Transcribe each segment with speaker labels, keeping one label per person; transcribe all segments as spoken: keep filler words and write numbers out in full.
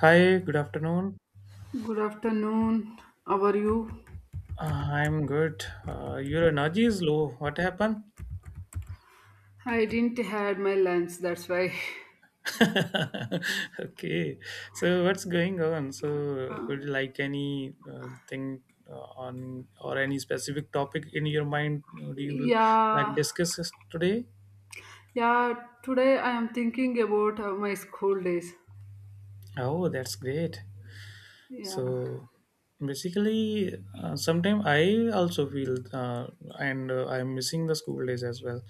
Speaker 1: Hi, good afternoon.
Speaker 2: Good afternoon. How are you?
Speaker 1: Uh, I'm good. Uh, your energy is low. What happened?
Speaker 2: I didn't had my lunch, that's why.
Speaker 1: Okay. So what's going on? So would you like any uh, thing uh, on or any specific topic in your mind? uh, Do you like
Speaker 2: Yeah,
Speaker 1: discuss this today?
Speaker 2: yeah. Today I am thinking about uh, my school days.
Speaker 1: Oh, that's great.
Speaker 2: Yeah.
Speaker 1: So basically, uh, sometimes I also feel uh, and uh, I'm missing the school days as well.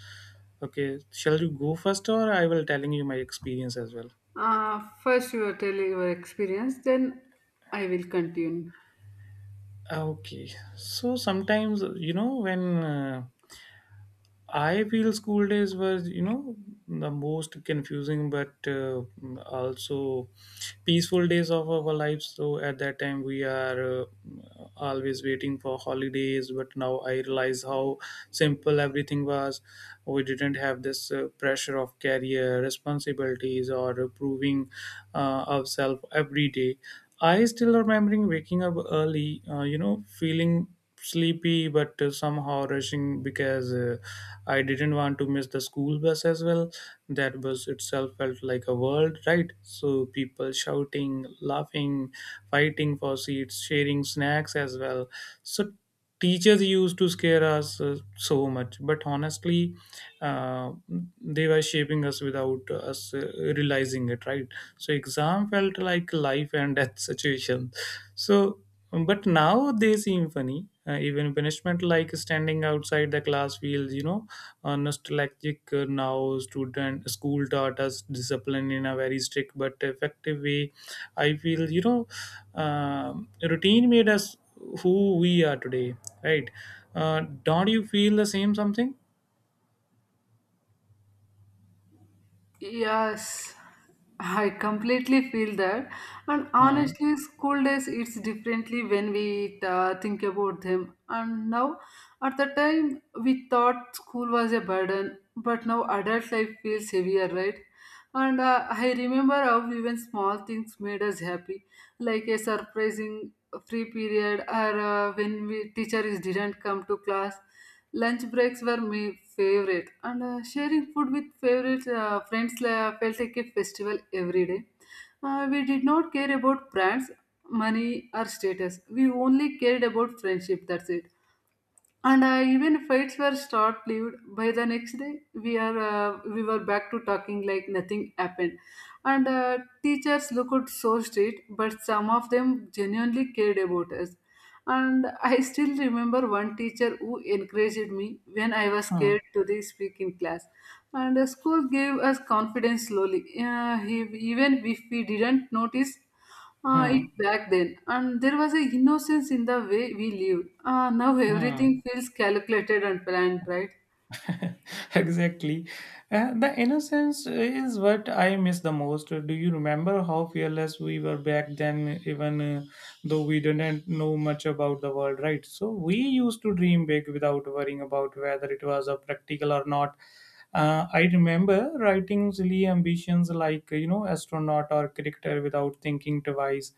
Speaker 1: Okay, shall you go first or I will telling you my experience as well?
Speaker 2: Uh, first you are telling your experience, then I will continue.
Speaker 1: Ah, Okay, so sometimes you know when uh, I feel school days were, you know, the most confusing but uh, also peaceful days of our lives. So at that time, we are uh, always waiting for holidays. But now I realize how simple everything was. We didn't have this uh, pressure of career responsibilities or proving uh, ourselves every day. I still remembering waking up early, uh, you know, feeling sleepy but uh, somehow rushing because uh, I didn't want to miss the school bus as well. That bus itself felt like a world, right? So people shouting, laughing, fighting for seats, sharing snacks as well. So teachers used to scare us uh, so much, but honestly, uh, they were shaping us without us uh, realizing it, right? So exam felt like life and death situation. So but now they seem funny, uh, even punishment like standing outside the class feels, you know, uh, nostalgic uh, now student. School taught us discipline in a very strict but effective way. I feel, you know, um, routine made us who we are today, right? Uh, don't you feel the same something?
Speaker 2: Yes, I completely feel that. And
Speaker 1: Hmm.
Speaker 2: honestly, school days, it's differently when we uh, think about them. And now, at the time, we thought school was a burden, but now adult life feels heavier, right? And uh, I remember how even small things made us happy, like a surprising free period or uh, when we teachers didn't come to class. Lunch breaks were my favorite, and uh, sharing food with favorite uh, friends uh, felt like a festival every day. Uh, we did not care about brands, money, or status. We only cared about friendship. That's it. And uh, even fights were short-lived. By the next day we are uh, we were back to talking like nothing happened. And uh, teachers looked so strict, but some of them genuinely cared about us. And I still remember one teacher who encouraged me when I was
Speaker 1: Hmm.
Speaker 2: scared to the speak in class. And the school gave us confidence slowly, uh, he even if we didn't notice uh, it
Speaker 1: Hmm.
Speaker 2: back then. And there was a innocence in the way we lived. Uh, now
Speaker 1: Hmm.
Speaker 2: everything feels calculated and planned, right?
Speaker 1: Exactly. Uh, the innocence is what I miss the most. Do you remember how fearless we were back then, even uh, though we didn't know much about the world, right? So we used to dream big without worrying about whether it was a practical or not. Uh, I remember writing silly ambitions like, you know, astronaut or cricketer without thinking twice.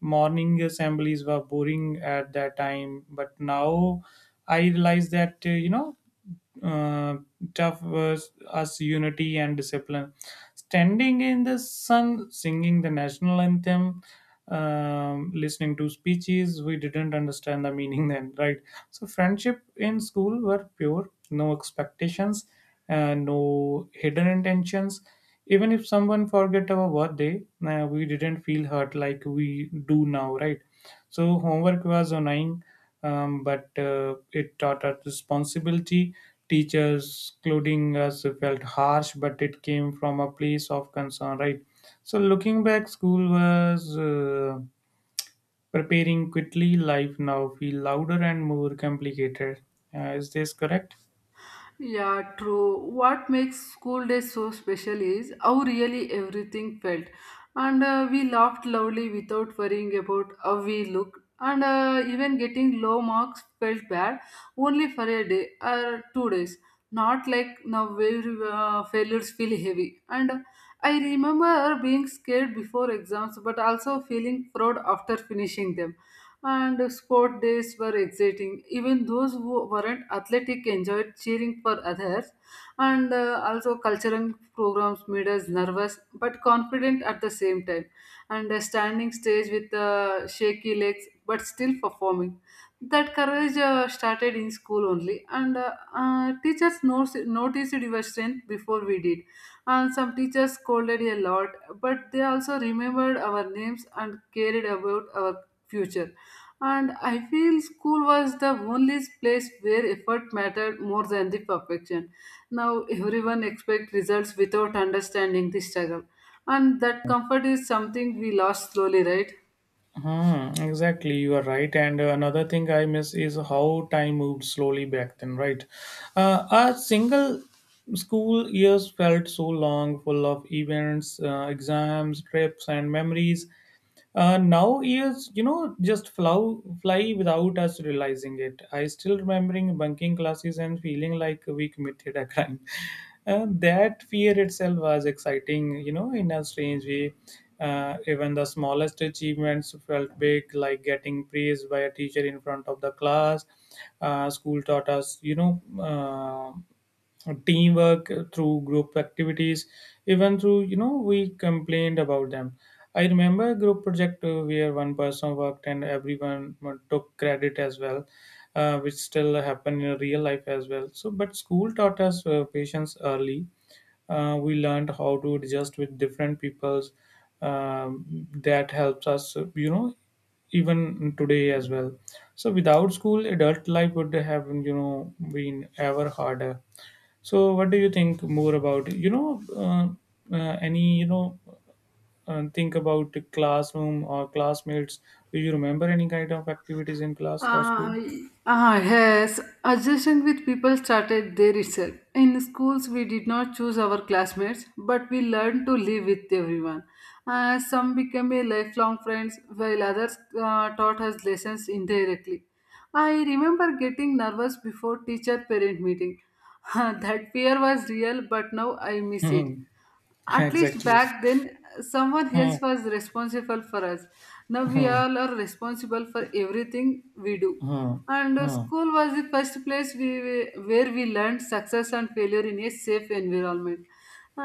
Speaker 1: Morning assemblies were boring at that time, but now I realize that, uh, you know uh, tough was us unity and discipline. Standing in the sun singing the national anthem, um, listening to speeches we didn't understand the meaning then. Right, so friendship in school were pure, no expectations, uh, no hidden intentions. Even if someone forget our birthday, uh, we didn't feel hurt like we do now, right? So homework was annoying, um, but uh, it taught us responsibility. Teachers clothing us felt harsh, but it came from a place of concern, right? So looking back, school was uh, preparing quickly life. Now feel louder and more complicated. Uh, is this correct?
Speaker 2: Yeah, true. What makes school days so special is how really everything felt. And uh, we laughed loudly without worrying about how we looked. And uh, even getting low marks felt bad only for a day or two days. Not like now where uh, failures feel heavy. And uh, I remember being scared before exams, but also feeling proud after finishing them. And sport days were exciting. Even those who weren't athletic enjoyed cheering for others, and uh, also cultural programs made us nervous but confident at the same time. And a standing stage with uh, shaky legs but still performing. That courage uh, started in school only, and uh, uh, teachers noticed, noticed your strength before we did. And some teachers scolded a lot, but they also remembered our names and cared about our future. And I feel school was the only place where effort mattered more than the perfection. Now everyone expects results without understanding the struggle. And that comfort is something we lost slowly, right?
Speaker 1: Hmm, exactly, you are right. And uh, another thing I miss is how time moved slowly back then, right? Uh, our single school years felt so long, full of events, uh, exams, trips, and memories. Uh, now years, you know, just flow, fly without us realizing it. I still remembering bunking classes and feeling like we committed a crime. Uh, that fear itself was exciting, you know, in a strange way. Uh, even the smallest achievements felt big, like getting praised by a teacher in front of the class. Uh, school taught us, you know, uh, teamwork uh, through group activities, even through, you know, we complained about them. I remember a group project uh, where one person worked and everyone uh, took credit as well, uh, which still happen in real life as well. So but school taught us uh, patience early. Uh, we learned how to adjust with different peoples. um, that helps us, uh, you know, even today as well. So without school adult life would have, you know, been ever harder. So, what do you think more about? You know, uh, uh, any you know, uh, think about the classroom or classmates. Do you remember any kind of activities in class or school?
Speaker 2: Uh, uh, yes, adjusting with people started there itself. In schools, we did not choose our classmates, but we learned to live with everyone. Uh, some became a lifelong friends, while others uh, taught us lessons indirectly. I remember getting nervous before teacher-parent meeting. That fear was real, but now I miss it.
Speaker 1: Hmm.
Speaker 2: At least
Speaker 1: Exactly.
Speaker 2: back then, someone
Speaker 1: Hmm.
Speaker 2: else was responsible for us. Now we
Speaker 1: Hmm.
Speaker 2: all are responsible for everything we do.
Speaker 1: Hmm.
Speaker 2: And uh,
Speaker 1: Hmm.
Speaker 2: school was the first place we, we- where we learned success and failure in a safe environment.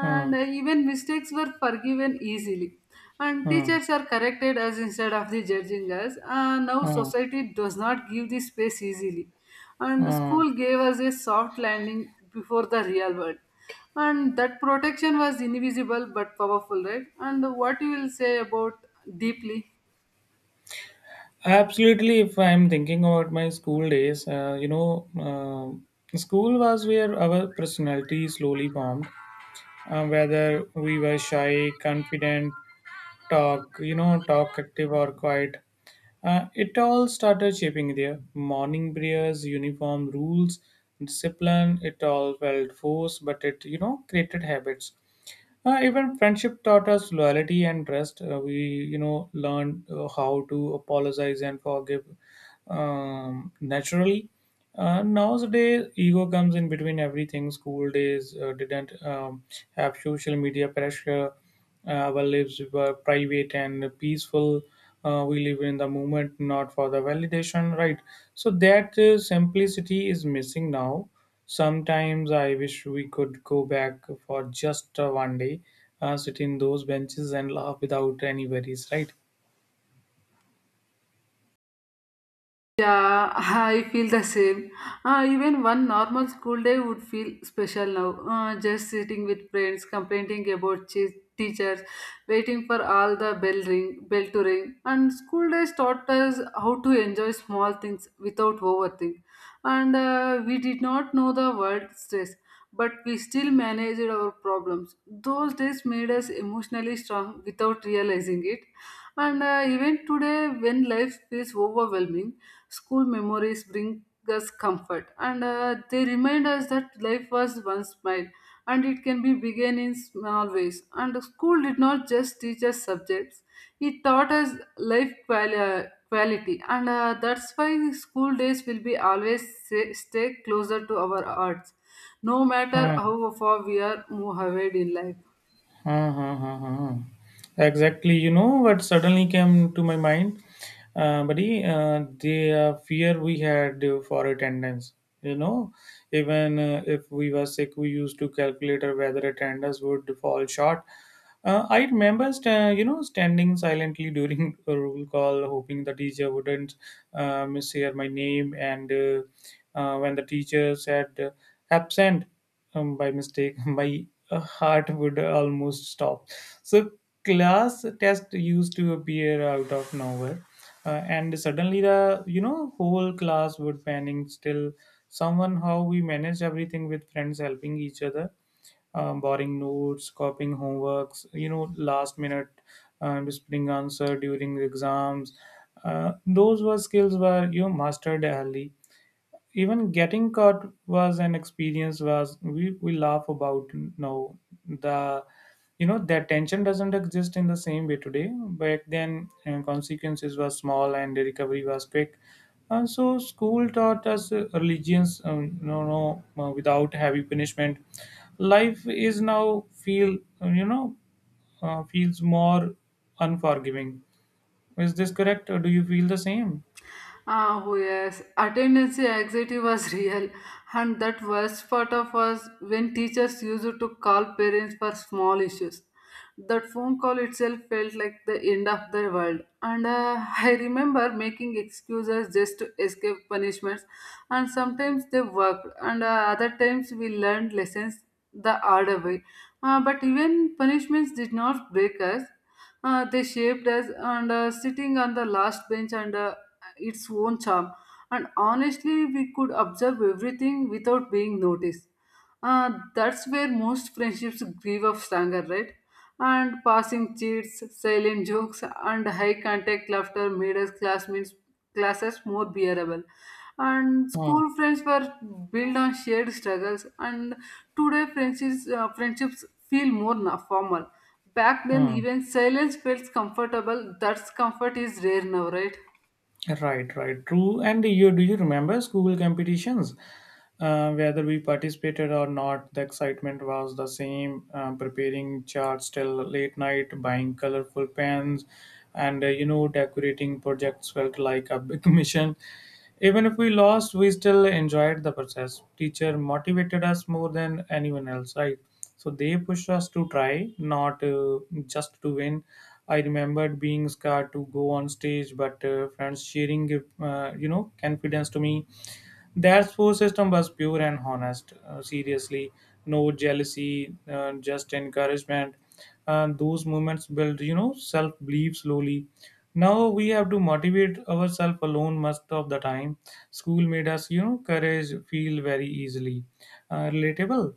Speaker 1: Hmm.
Speaker 2: uh, even mistakes were forgiven easily. And
Speaker 1: Hmm.
Speaker 2: teachers are corrected us instead of the judging us. Uh, now
Speaker 1: Hmm.
Speaker 2: society does not give the space easily. And
Speaker 1: Hmm.
Speaker 2: school gave us a soft landing before the real world, and that protection was invisible but powerful, right? And what you will say about deeply?
Speaker 1: Absolutely. If I'm thinking about my school days, uh, you know, uh, school was where our personality slowly formed. Uh, whether we were shy, confident, talk, you know, talk active or quiet. Uh, it all started shaping their morning prayers, uniform rules, discipline. It all felt forced, but it, you know, created habits. Uh, even friendship taught us loyalty and trust. Uh, we, you know, learned uh, how to apologize and forgive um, naturally. Uh, nowadays, ego comes in between everything. School days uh, didn't um, have social media pressure. Uh, our lives were private and peaceful. Uh, we live in the moment, not for the validation, right? So that uh, simplicity is missing now. Sometimes I wish we could go back for just uh, one day, uh, sit in those benches and laugh without any worries, right?
Speaker 2: Yeah, I feel the same. Uh, even one normal school day would feel special now, uh, just sitting with friends complaining about che- teachers, waiting for all the bell ring bell to ring. And school days taught us how to enjoy small things without overthink. And uh, we did not know the word stress, but we still managed our problems. Those days made us emotionally strong without realizing it. And uh, even today, when life feels overwhelming, school memories bring us comfort. And uh, they remind us that life was once smile, and it can be begun in small ways. And school did not just teach us subjects, it taught us life quali- quality. And uh, that's why school days will be always sa- stay closer to our hearts, no matter
Speaker 1: Hmm.
Speaker 2: how far we are moved ahead in life.
Speaker 1: Huh, huh, huh, huh, huh. Exactly. You know what suddenly came to my mind, uh, buddy? Uh, the uh, fear we had uh, for attendance. You know, even uh, if we were sick, we used to calculate whether attendance would fall short. Uh, I remember, sta- you know, standing silently during a roll call, hoping the teacher wouldn't uh, mishear my name. And uh, uh, when the teacher said uh, absent um, by mistake, my uh, heart would almost stop. So class test used to appear out of nowhere, uh, and suddenly the, you know, whole class would panic. Still, somehow we managed everything with friends helping each other, um, borrowing notes, copying homeworks, you know, last minute, uh, whispering answer during exams. Uh, those were skills were, you know, mastered early. Even getting caught was an experience was we, we laugh about now. The, you know, that tension doesn't exist in the same way today. Back then and consequences were small and the recovery was quick. And so school taught us uh, religions, um, no no uh, without heavy punishment. Life is now feel, uh, you know uh, feels more unforgiving. Is this correct or do you feel the same?
Speaker 2: Ah, oh yes, attendance anxiety was real, and that worst part of was when teachers used to call parents for small issues. That phone call itself felt like the end of the world. And uh, I remember making excuses just to escape punishments, and sometimes they worked, and uh, other times we learned lessons the harder way. Uh, but even punishments did not break us. Uh, they shaped us. And uh, sitting on the last bench and uh, its own charm. And honestly, we could observe everything without being noticed. Uh, that's where most friendships grieve of anger, right? And passing cheats, silent jokes, and high contact laughter made us classmates classes more bearable. And
Speaker 1: Hmm,
Speaker 2: school friends were built on shared struggles, and today friendships, uh, friendships feel more na- formal. Back then,
Speaker 1: hmm.
Speaker 2: even silence felt comfortable. That comfort is rare now, right?
Speaker 1: Right, right, true. And you do you remember school competitions? Uh, whether we participated or not, the excitement was the same. Um, preparing charts till late night, buying colorful pens, and uh, you know, decorating projects felt like a big mission. Even if we lost, we still enjoyed the process. Teacher motivated us more than anyone else, right? So they pushed us to try, not uh, just to win. I remembered being scared to go on stage, but uh, friends sharing, uh, you know, confidence to me. Their support system was pure and honest. Uh, seriously, no jealousy, uh, just encouragement. And those moments build, you know, self belief slowly. Now we have to motivate ourselves alone most of the time. School made us, you know, courage feel very easily uh, relatable.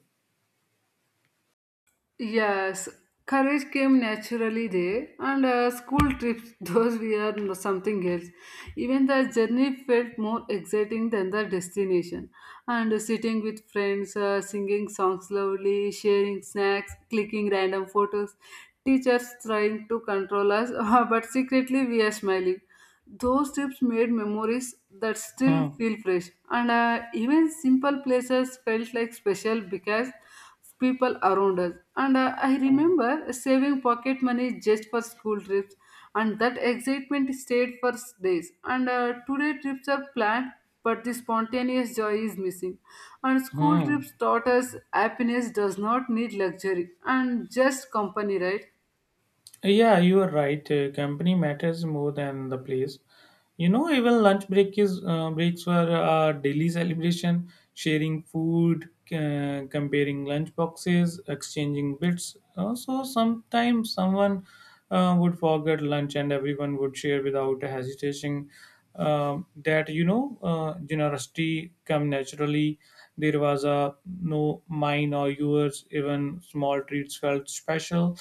Speaker 2: Yes, courage came naturally there. And uh, school trips, those we are n- something else. Even the journey felt more exciting than the destination. And uh, sitting with friends, uh, singing songs loudly, sharing snacks, clicking random photos, teachers trying to control us, but secretly we are smiling. Those trips made memories that still
Speaker 1: Hmm.
Speaker 2: feel fresh. And uh, even simple places felt like special because people around us. And uh, I
Speaker 1: Hmm.
Speaker 2: remember saving pocket money just for school trips, and that excitement stayed for s- days. And uh, today trips are planned, but the spontaneous joy is missing. And school
Speaker 1: Hmm.
Speaker 2: trips taught us happiness does not need luxury and just company, right?
Speaker 1: Yeah, you are right. Uh, company matters more than the place. You know, even lunch break is uh, breaks were a daily celebration, sharing food, uh, comparing lunch boxes, exchanging bits. Also, sometimes someone uh, would forget lunch, and everyone would share without hesitation. Um that you know, uh, generosity come naturally. There was a no mine or yours, even small treats felt special.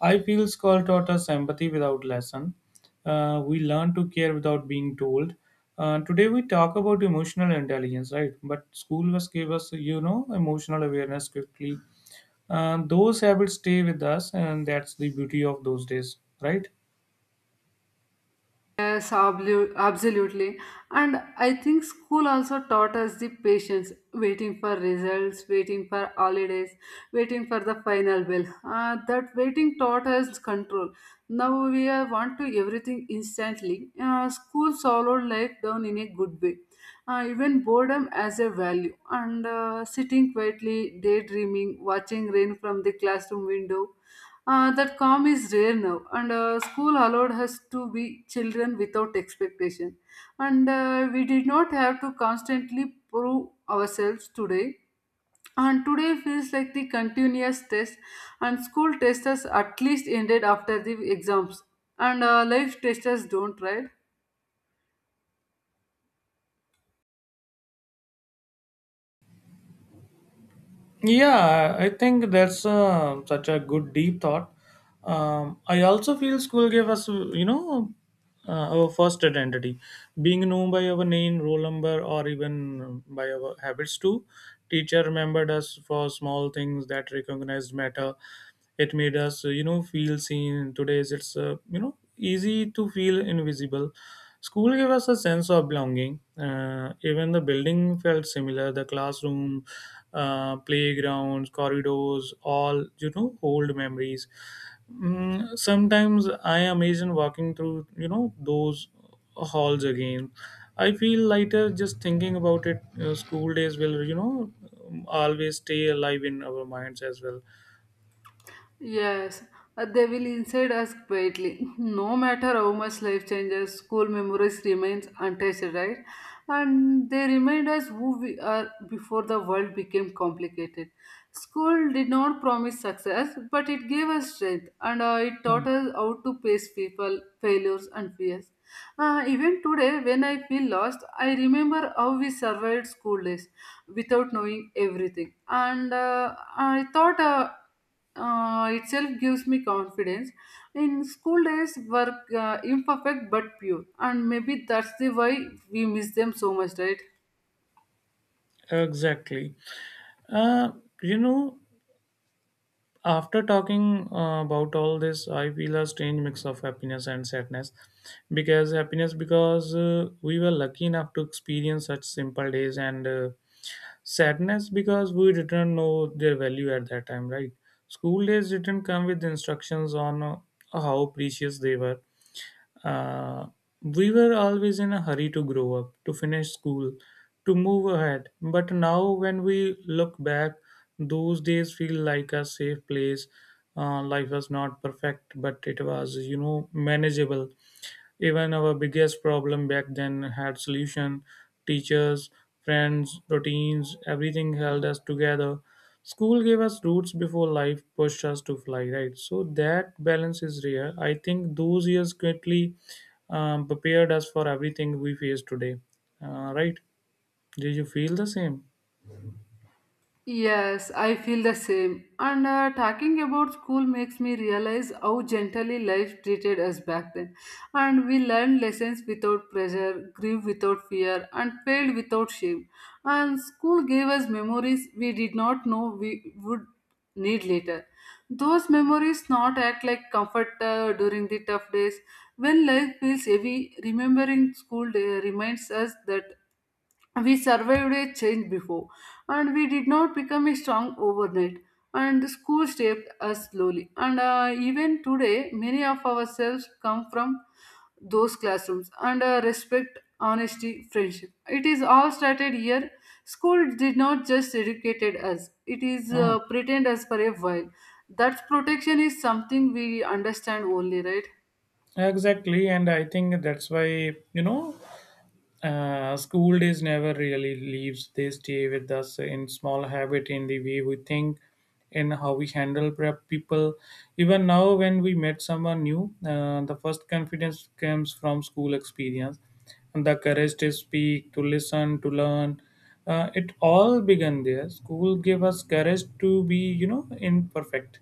Speaker 1: I feel school taught us empathy without lesson. Uh, we learn to care without being told. Uh, today we talk about emotional intelligence, right? But school was gave us, you know, emotional awareness quickly. Uh, those habits stay with us, and that's the beauty of those days, right?
Speaker 2: Yes, ablu- absolutely. And I think school also taught us the patience, waiting for results, waiting for holidays, waiting for the final bell. Uh, that waiting taught us control. Now we are want to everything instantly. Uh, school swallowed life down in a good way. Uh, even boredom as a value. And uh, sitting quietly, daydreaming, watching rain from the classroom window. Uh, that calm is rare now. And uh, school allowed us to be children without expectation. And uh, we did not have to constantly prove ourselves today. And today feels like the continuous test, and school tests at least ended after the exams, and uh, life tests don't, right?
Speaker 1: Yeah, I think that's um such a good deep thought. Um, I also feel school gave us, you know, uh, our first identity, being known by our name, roll number, or even by our habits too. Teacher remembered us for small things that recognized matter. It made us, uh, you know, feel seen. Today's it's, uh, you know, easy to feel invisible. School gave us a sense of belonging, uh, even the building felt similar the classroom, uh, playgrounds, corridors, all, you know, old memories. mm, sometimes I imagine walking through, you know, those halls again, I feel lighter just thinking about it. Uh, school days will, you know um, always stay alive in our minds as well.
Speaker 2: Yes, uh, they will inside us quietly. No matter how much life changes, school memories remains untouched, right? And they remind us who we are before the world became complicated. School did not promise success, but it gave us strength. And uh, it taught us how to face people, failures, and fears. Uh, even today, when I feel lost, I remember how we survived school days without knowing everything. And uh, I thought uh, uh, itself gives me confidence. In school days, were uh, imperfect but pure, and maybe that's the why we miss them so much, right?
Speaker 1: Exactly. Uh, you know, after talking uh, about all this, I feel a strange mix of happiness and sadness. Because happiness, because uh, we were lucky enough to experience such simple days, and uh, sadness because we didn't know their value at that time, right? School days didn't come with instructions on uh, how precious they were. Uh, we were always in a hurry to grow up, to finish school, to move ahead. But now, when we look back, those days feel like a safe place. Uh, life was not perfect, but it was, you know, manageable. Even our biggest problem back then had solution. Teachers, friends, routines, everything held us together. School gave us roots before life pushed us to fly, right? So that balance is rare. I think those years quickly um, prepared us for everything we face today. Uh, right? Did you feel the same?
Speaker 2: Yes, I feel the same. And uh, talking about school makes me realize how gently life treated us back then. And we learned lessons without pressure, grieve without fear, and failed without shame. And school gave us memories we did not know we would need later. Those memories not act like comfort uh, during the tough days. When life feels heavy, remembering school day reminds us that we survived a change before, and we did not become a strong overnight. And the school shaped us slowly. And uh, even today, many of ourselves come from those classrooms. And uh, respect, honesty, friendship, it is all started here. School did not just educated us, it is
Speaker 1: Uh,
Speaker 2: uh, pretend us for a while. That protection is something we understand only, right?
Speaker 1: exactly, and I think that's why you know Uh, school days never really leaves. They stay with us in small habit, in the way we think, in how we handle prep people. Even now, when we met someone new, uh, the first confidence comes from school experience, and the courage to speak, to listen, to learn. Uh, it all began there. School gave us courage to be, you know, imperfect.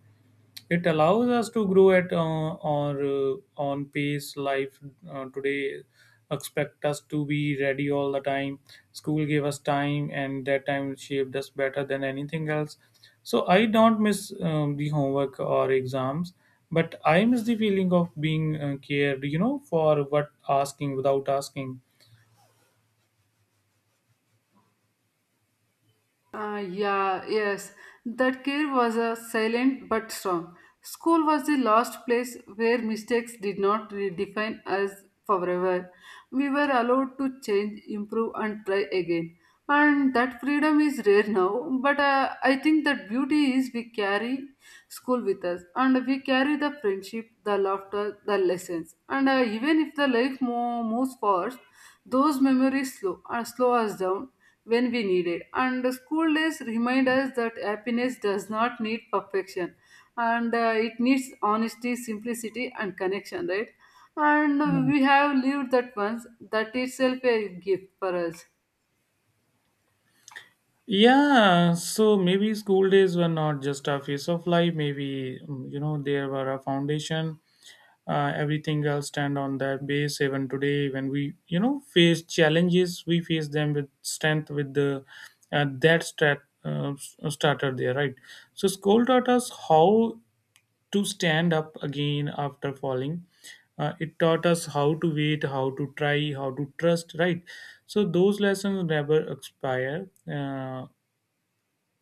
Speaker 1: It allows us to grow at uh, or uh, on pace. Life uh, today expect us to be ready all the time. School gave us time, and that time shaped us better than anything else. So I don't miss um, the homework or exams, but I miss the feeling of being uh, cared. You know, for what asking without asking.
Speaker 2: Uh, yeah, yes. That care was a silent but strong. School was the last place where mistakes did not re- define us forever. We were allowed to change, improve, and try again. And that freedom is rare now, but uh, I think that beauty is we carry school with us, and we carry the friendship, the laughter, the lessons. And uh, even if the life mo- moves fast, those memories slow, uh, slow us down when we need it. And the school days remind us that happiness does not need perfection, and uh, it needs honesty, simplicity, and connection, right? And uh, we have lived that once. That itself a gift for us.
Speaker 1: Yeah, so maybe school days were not just a phase of life, maybe, mm, you know, there were a foundation uh, everything else stand on their base even today when we, you know, face challenges, we face them with strength with the uh, that strat, uh, s- uh, starter there, right? So school taught us how to stand up again after falling. Uh, it taught us how to wait, how to try, how to trust, right? So those lessons never expire. uh,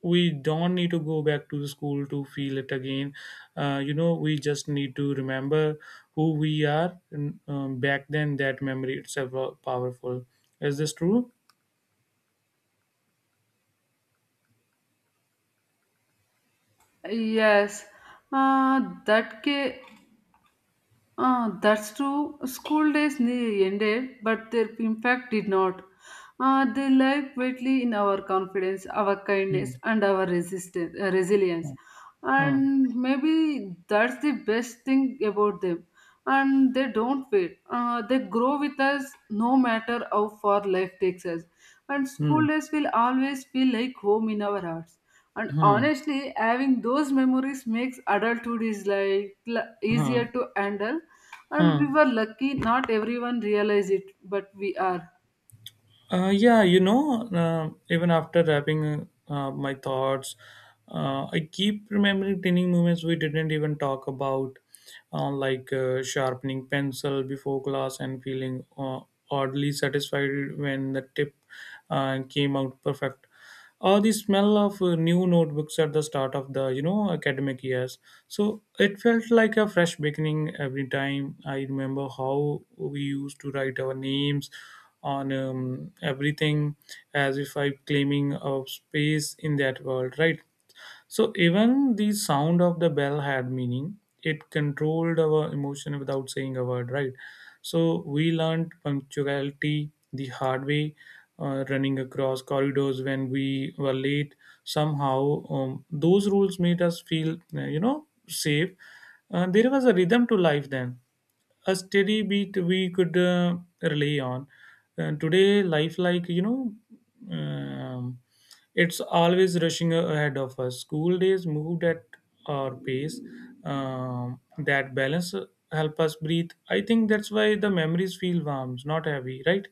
Speaker 1: We don't need to go back to the school to feel it again. Uh, you know, we just need to remember who we are, and, um, back then that memory itself was powerful. Is this true?
Speaker 2: Yes, uh, that ca- ah, that's true. School days ne- ended, but their impact did not. Ah, they lie greatly in our confidence, our
Speaker 1: Hmm.
Speaker 2: kindness, and our resistance, uh, resilience.
Speaker 1: Hmm.
Speaker 2: And maybe that's the best thing about them. And they don't wait. Ah, they grow with us no matter how far life takes us. And
Speaker 1: Hmm.
Speaker 2: school days will always feel like home in our hearts. And
Speaker 1: Hmm.
Speaker 2: honestly, having those memories makes adulthood is like l- easier
Speaker 1: Hmm.
Speaker 2: to handle. And we
Speaker 1: Hmm.
Speaker 2: were lucky not everyone realized it, but we are.
Speaker 1: Uh, yeah, you know, uh, even after wrapping uh, my thoughts, uh, I keep remembering tiny moments we didn't even talk about, uh, like uh, sharpening pencil before class and feeling uh, oddly satisfied when the tip uh, came out perfect, or the smell of uh, new notebooks at the start of the, you know, academic years. So it felt like a fresh beginning every time. I remember how we used to write our names on um, everything, as if I claiming a space in that world, right? So even the sound of the bell had meaning. It controlled our emotion without saying a word, right? So we learned punctuality the hard way, uh, running across corridors when we were late. Somehow, um, those rules made us feel, uh, you know, safe. Uh, there was a rhythm to life then, a steady beat we could uh, rely on. Uh, today life, like, you know, um, it's always rushing a- ahead of us. School days moved at our pace. um, that balance uh, help us breathe. I think that's why the memories feel warm, not heavy, right?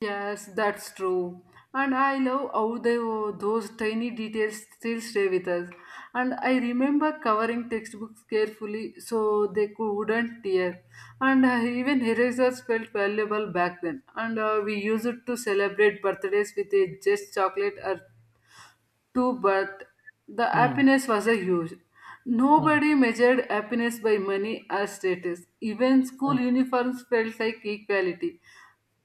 Speaker 2: Yes, that's true. And I love how they, those tiny details still stay with us. And I remember covering textbooks carefully so they couldn't tear. And uh, even erasers felt valuable back then. And uh, we used it to celebrate birthdays with a just chocolate or too, but the
Speaker 1: Hmm.
Speaker 2: happiness was a huge.
Speaker 1: Hmm.
Speaker 2: Nobody measured happiness by money or status. Even school
Speaker 1: Hmm.
Speaker 2: uniforms felt like equality.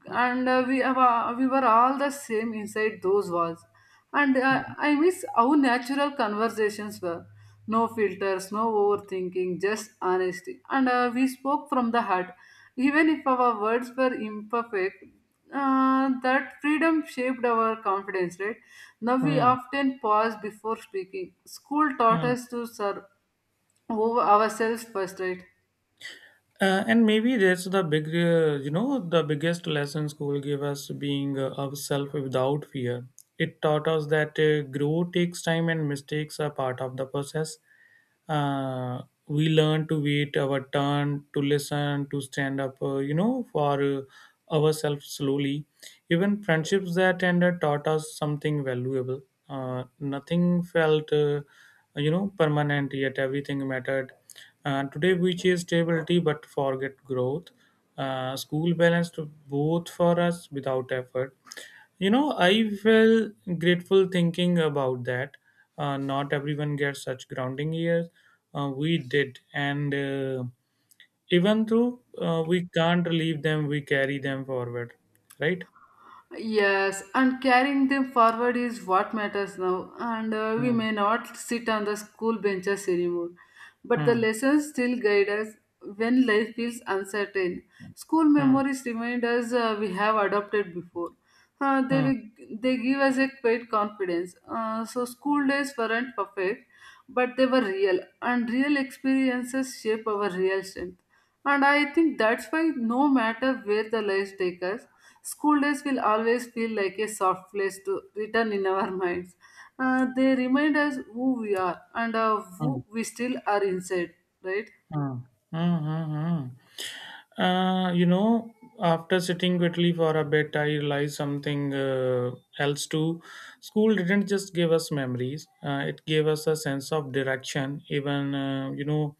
Speaker 2: And uh, we have, uh, we were all the same inside those walls. And
Speaker 1: Hmm.
Speaker 2: uh, I miss how natural conversations were. No filters, no overthinking, just honesty. And uh, we spoke from the heart, even if our words were imperfect. Uh, that freedom shaped our confidence, right? Now we
Speaker 1: Hmm.
Speaker 2: often pause before speaking. School taught
Speaker 1: Hmm.
Speaker 2: us to serve over ourselves first, right?
Speaker 1: Uh, and maybe that's the big, uh, you know, the biggest lesson school gave us, being uh, ourselves without fear. It taught us that uh, growth takes time and mistakes are part of the process. Uh, we learn to wait our turn, to listen, to stand up, uh, you know, for uh, ourselves slowly. Even friendships that ended taught us something valuable. Uh, nothing felt, uh, you know, permanent, yet everything mattered. Uh, today we chase stability but forget growth. Uh, school balanced both for us without effort. You know, I feel grateful thinking about that. Uh, not everyone gets such grounding years. Uh, we did, and uh, even though uh, we can't leave them, we carry them forward, right?
Speaker 2: Yes, and carrying them forward is what matters now. And uh, we
Speaker 1: Hmm.
Speaker 2: may not sit on the school benches anymore. But the
Speaker 1: Hmm.
Speaker 2: lessons still guide us when life feels uncertain. School
Speaker 1: Hmm.
Speaker 2: memories remind us uh, we have adopted before. Uh, they,
Speaker 1: Hmm.
Speaker 2: will- they give us a great confidence. Uh, so, school days weren't perfect, but they were real, and real experiences shape our real strength. And I think that's why, no matter where the life takes us, school days will always feel like a soft place to return in our minds. Uh, they remind us who we are, and uh,
Speaker 1: Hmm.
Speaker 2: who we still are inside, right?
Speaker 1: Hmm. Hmm, hmm, hmm. Uh, you know, after sitting quietly for a bit, I realized something uh, else too. School didn't just give us memories; uh, it gave us a sense of direction. Even uh, you know,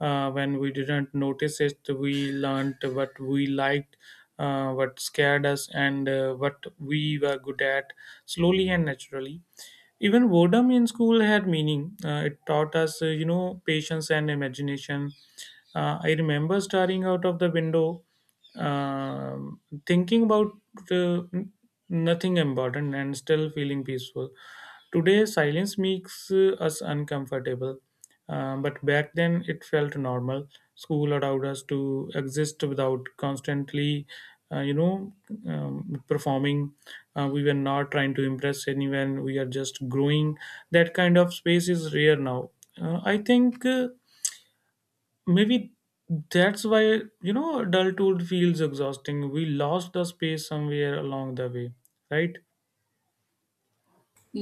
Speaker 1: uh, when we didn't notice it, we learned what we liked, uh, what scared us, and uh, what we were good at slowly and naturally. Even boredom in school had meaning. Uh, it taught us, uh, you know, patience and imagination. Uh, I remember staring out of the window, um thinking about uh, n- nothing important and still feeling peaceful. Today, silence makes uh, us uncomfortable. Um, but back then, it felt normal. School allowed us to exist without constantly, uh, you know, um, performing. Uh, we were not trying to impress anyone. We are just growing. That kind of space is rare now. Uh, I think uh, maybe that's why, you know, adulthood feels exhausting. We lost the space somewhere along the way, right?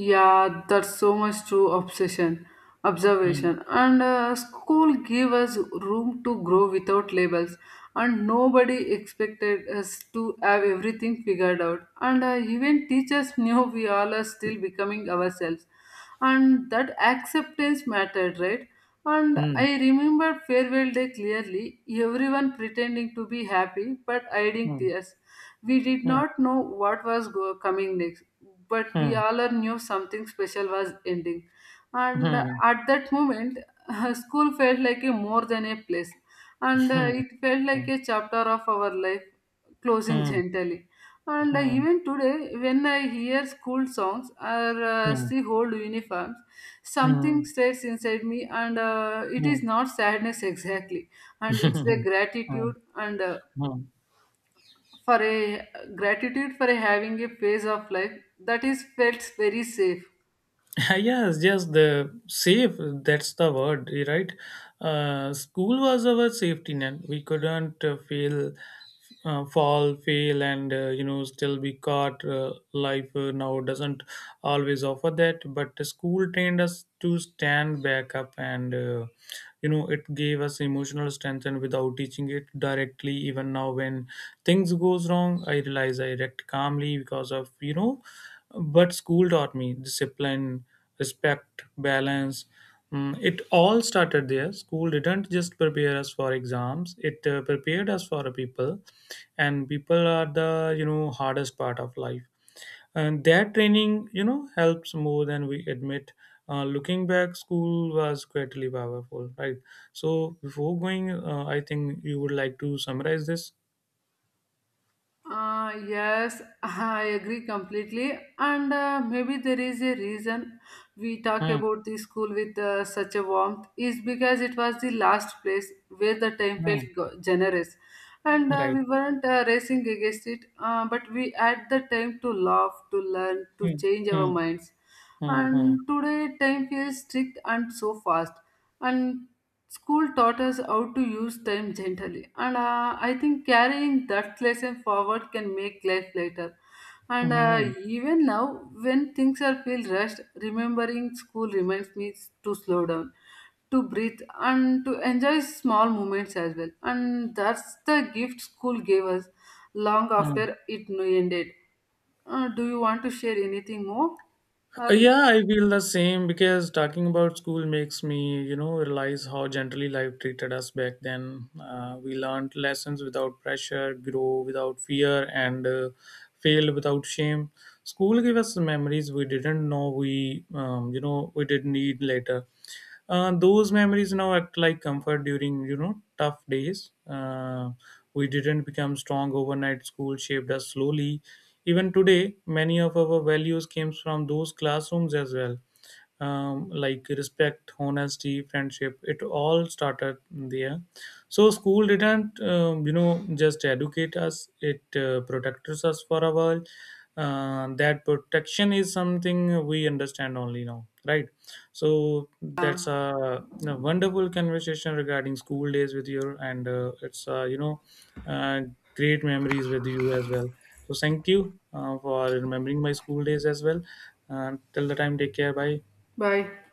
Speaker 2: Yeah, that's so much true obsession,
Speaker 1: Hmm.
Speaker 2: observation. And uh, school gave us room to grow without labels. And nobody expected us to have everything figured out. And uh, even teachers knew we all are still becoming ourselves. And that acceptance mattered, right? And
Speaker 1: Hmm.
Speaker 2: I remember farewell day clearly, everyone pretending to be happy but hiding
Speaker 1: Hmm.
Speaker 2: tears. We did
Speaker 1: Hmm.
Speaker 2: not know what was go- coming next, but we
Speaker 1: Hmm.
Speaker 2: all are knew something special was ending. And uh,
Speaker 1: Hmm.
Speaker 2: at that moment, school felt like a more than a place, and uh, it felt
Speaker 1: Hmm.
Speaker 2: like a chapter of our life closing
Speaker 1: Hmm.
Speaker 2: gently. And uh,
Speaker 1: Hmm.
Speaker 2: even today, when I hear school songs or uh,
Speaker 1: Hmm.
Speaker 2: see old uniforms, something
Speaker 1: Mm,
Speaker 2: stays inside me, and uh, it is
Speaker 1: mm.
Speaker 2: not sadness exactly, and it's the gratitude. And uh,
Speaker 1: Mm, mm.
Speaker 2: for a gratitude for a having a phase of life that is felt very safe.
Speaker 1: Yes, yes, the safe, that's the word, right? Uh, school was our safety net. We couldn't uh, fail uh, fall, fail, and uh, you know, still be caught. Uh, life uh, now doesn't always offer that, but the school trained us to stand back up, and uh, you know, it gave us emotional strength, and without teaching it directly. Even now when things goes wrong, I realize I react calmly because of, you know, but school taught me discipline, respect, balance. Mm, it all started there. School didn't just prepare us for exams; it uh, prepared us for people, and people are the, you know, hardest part of life. And that training, you know, helps more than we admit. Uh, looking back, school was greatly powerful, right? So before going, uh, I think you would like to summarize this.
Speaker 2: Uh, yes, I agree completely. And uh, maybe there is a reason we talk
Speaker 1: Hmm.
Speaker 2: about the school with uh, such a warmth is because it was the last place where the time felt
Speaker 1: Hmm.
Speaker 2: go- generous. And uh,
Speaker 1: Right.
Speaker 2: we weren't uh, racing against it, uh, but we had the time to laugh, to learn, to
Speaker 1: Hmm.
Speaker 2: change our
Speaker 1: Hmm.
Speaker 2: minds.
Speaker 1: Hmm.
Speaker 2: And today, time feels strict and so fast. And school taught us how to use time gently. And uh, I think carrying that lesson forward can make life lighter. And
Speaker 1: Hmm.
Speaker 2: uh,
Speaker 1: Hmm.
Speaker 2: even now, when things are feel rushed, remembering school reminds me to slow down, to breathe, and to enjoy small moments as well. And that's the gift school gave us long
Speaker 1: Hmm.
Speaker 2: after it ended. Uh, do you want to share anything more? Or
Speaker 1: Uh, Yeah, I feel the same because talking about school makes me, you know, realize how gently life treated us back then. Uh, we learned lessons without pressure, grow without fear, and uh, fail without shame. School gave us memories we didn't know we, um, you know, we didn't need later. Uh, those memories now act like comfort during, you know, tough days. Uh, we didn't become strong overnight. School shaped us slowly. Even today, many of our values came from those classrooms as well, um, like respect, honesty, friendship. It all started there. So school didn't, um, you know, just educate us. It uh, protected us for a while. Uh, that protection is something we understand only now, right? So that's a, a wonderful conversation regarding school days with you, and uh, it's uh, you know uh, great memories with you as well. So thank you uh, for remembering my school days as well. And till the time, take care. Bye.
Speaker 2: bye.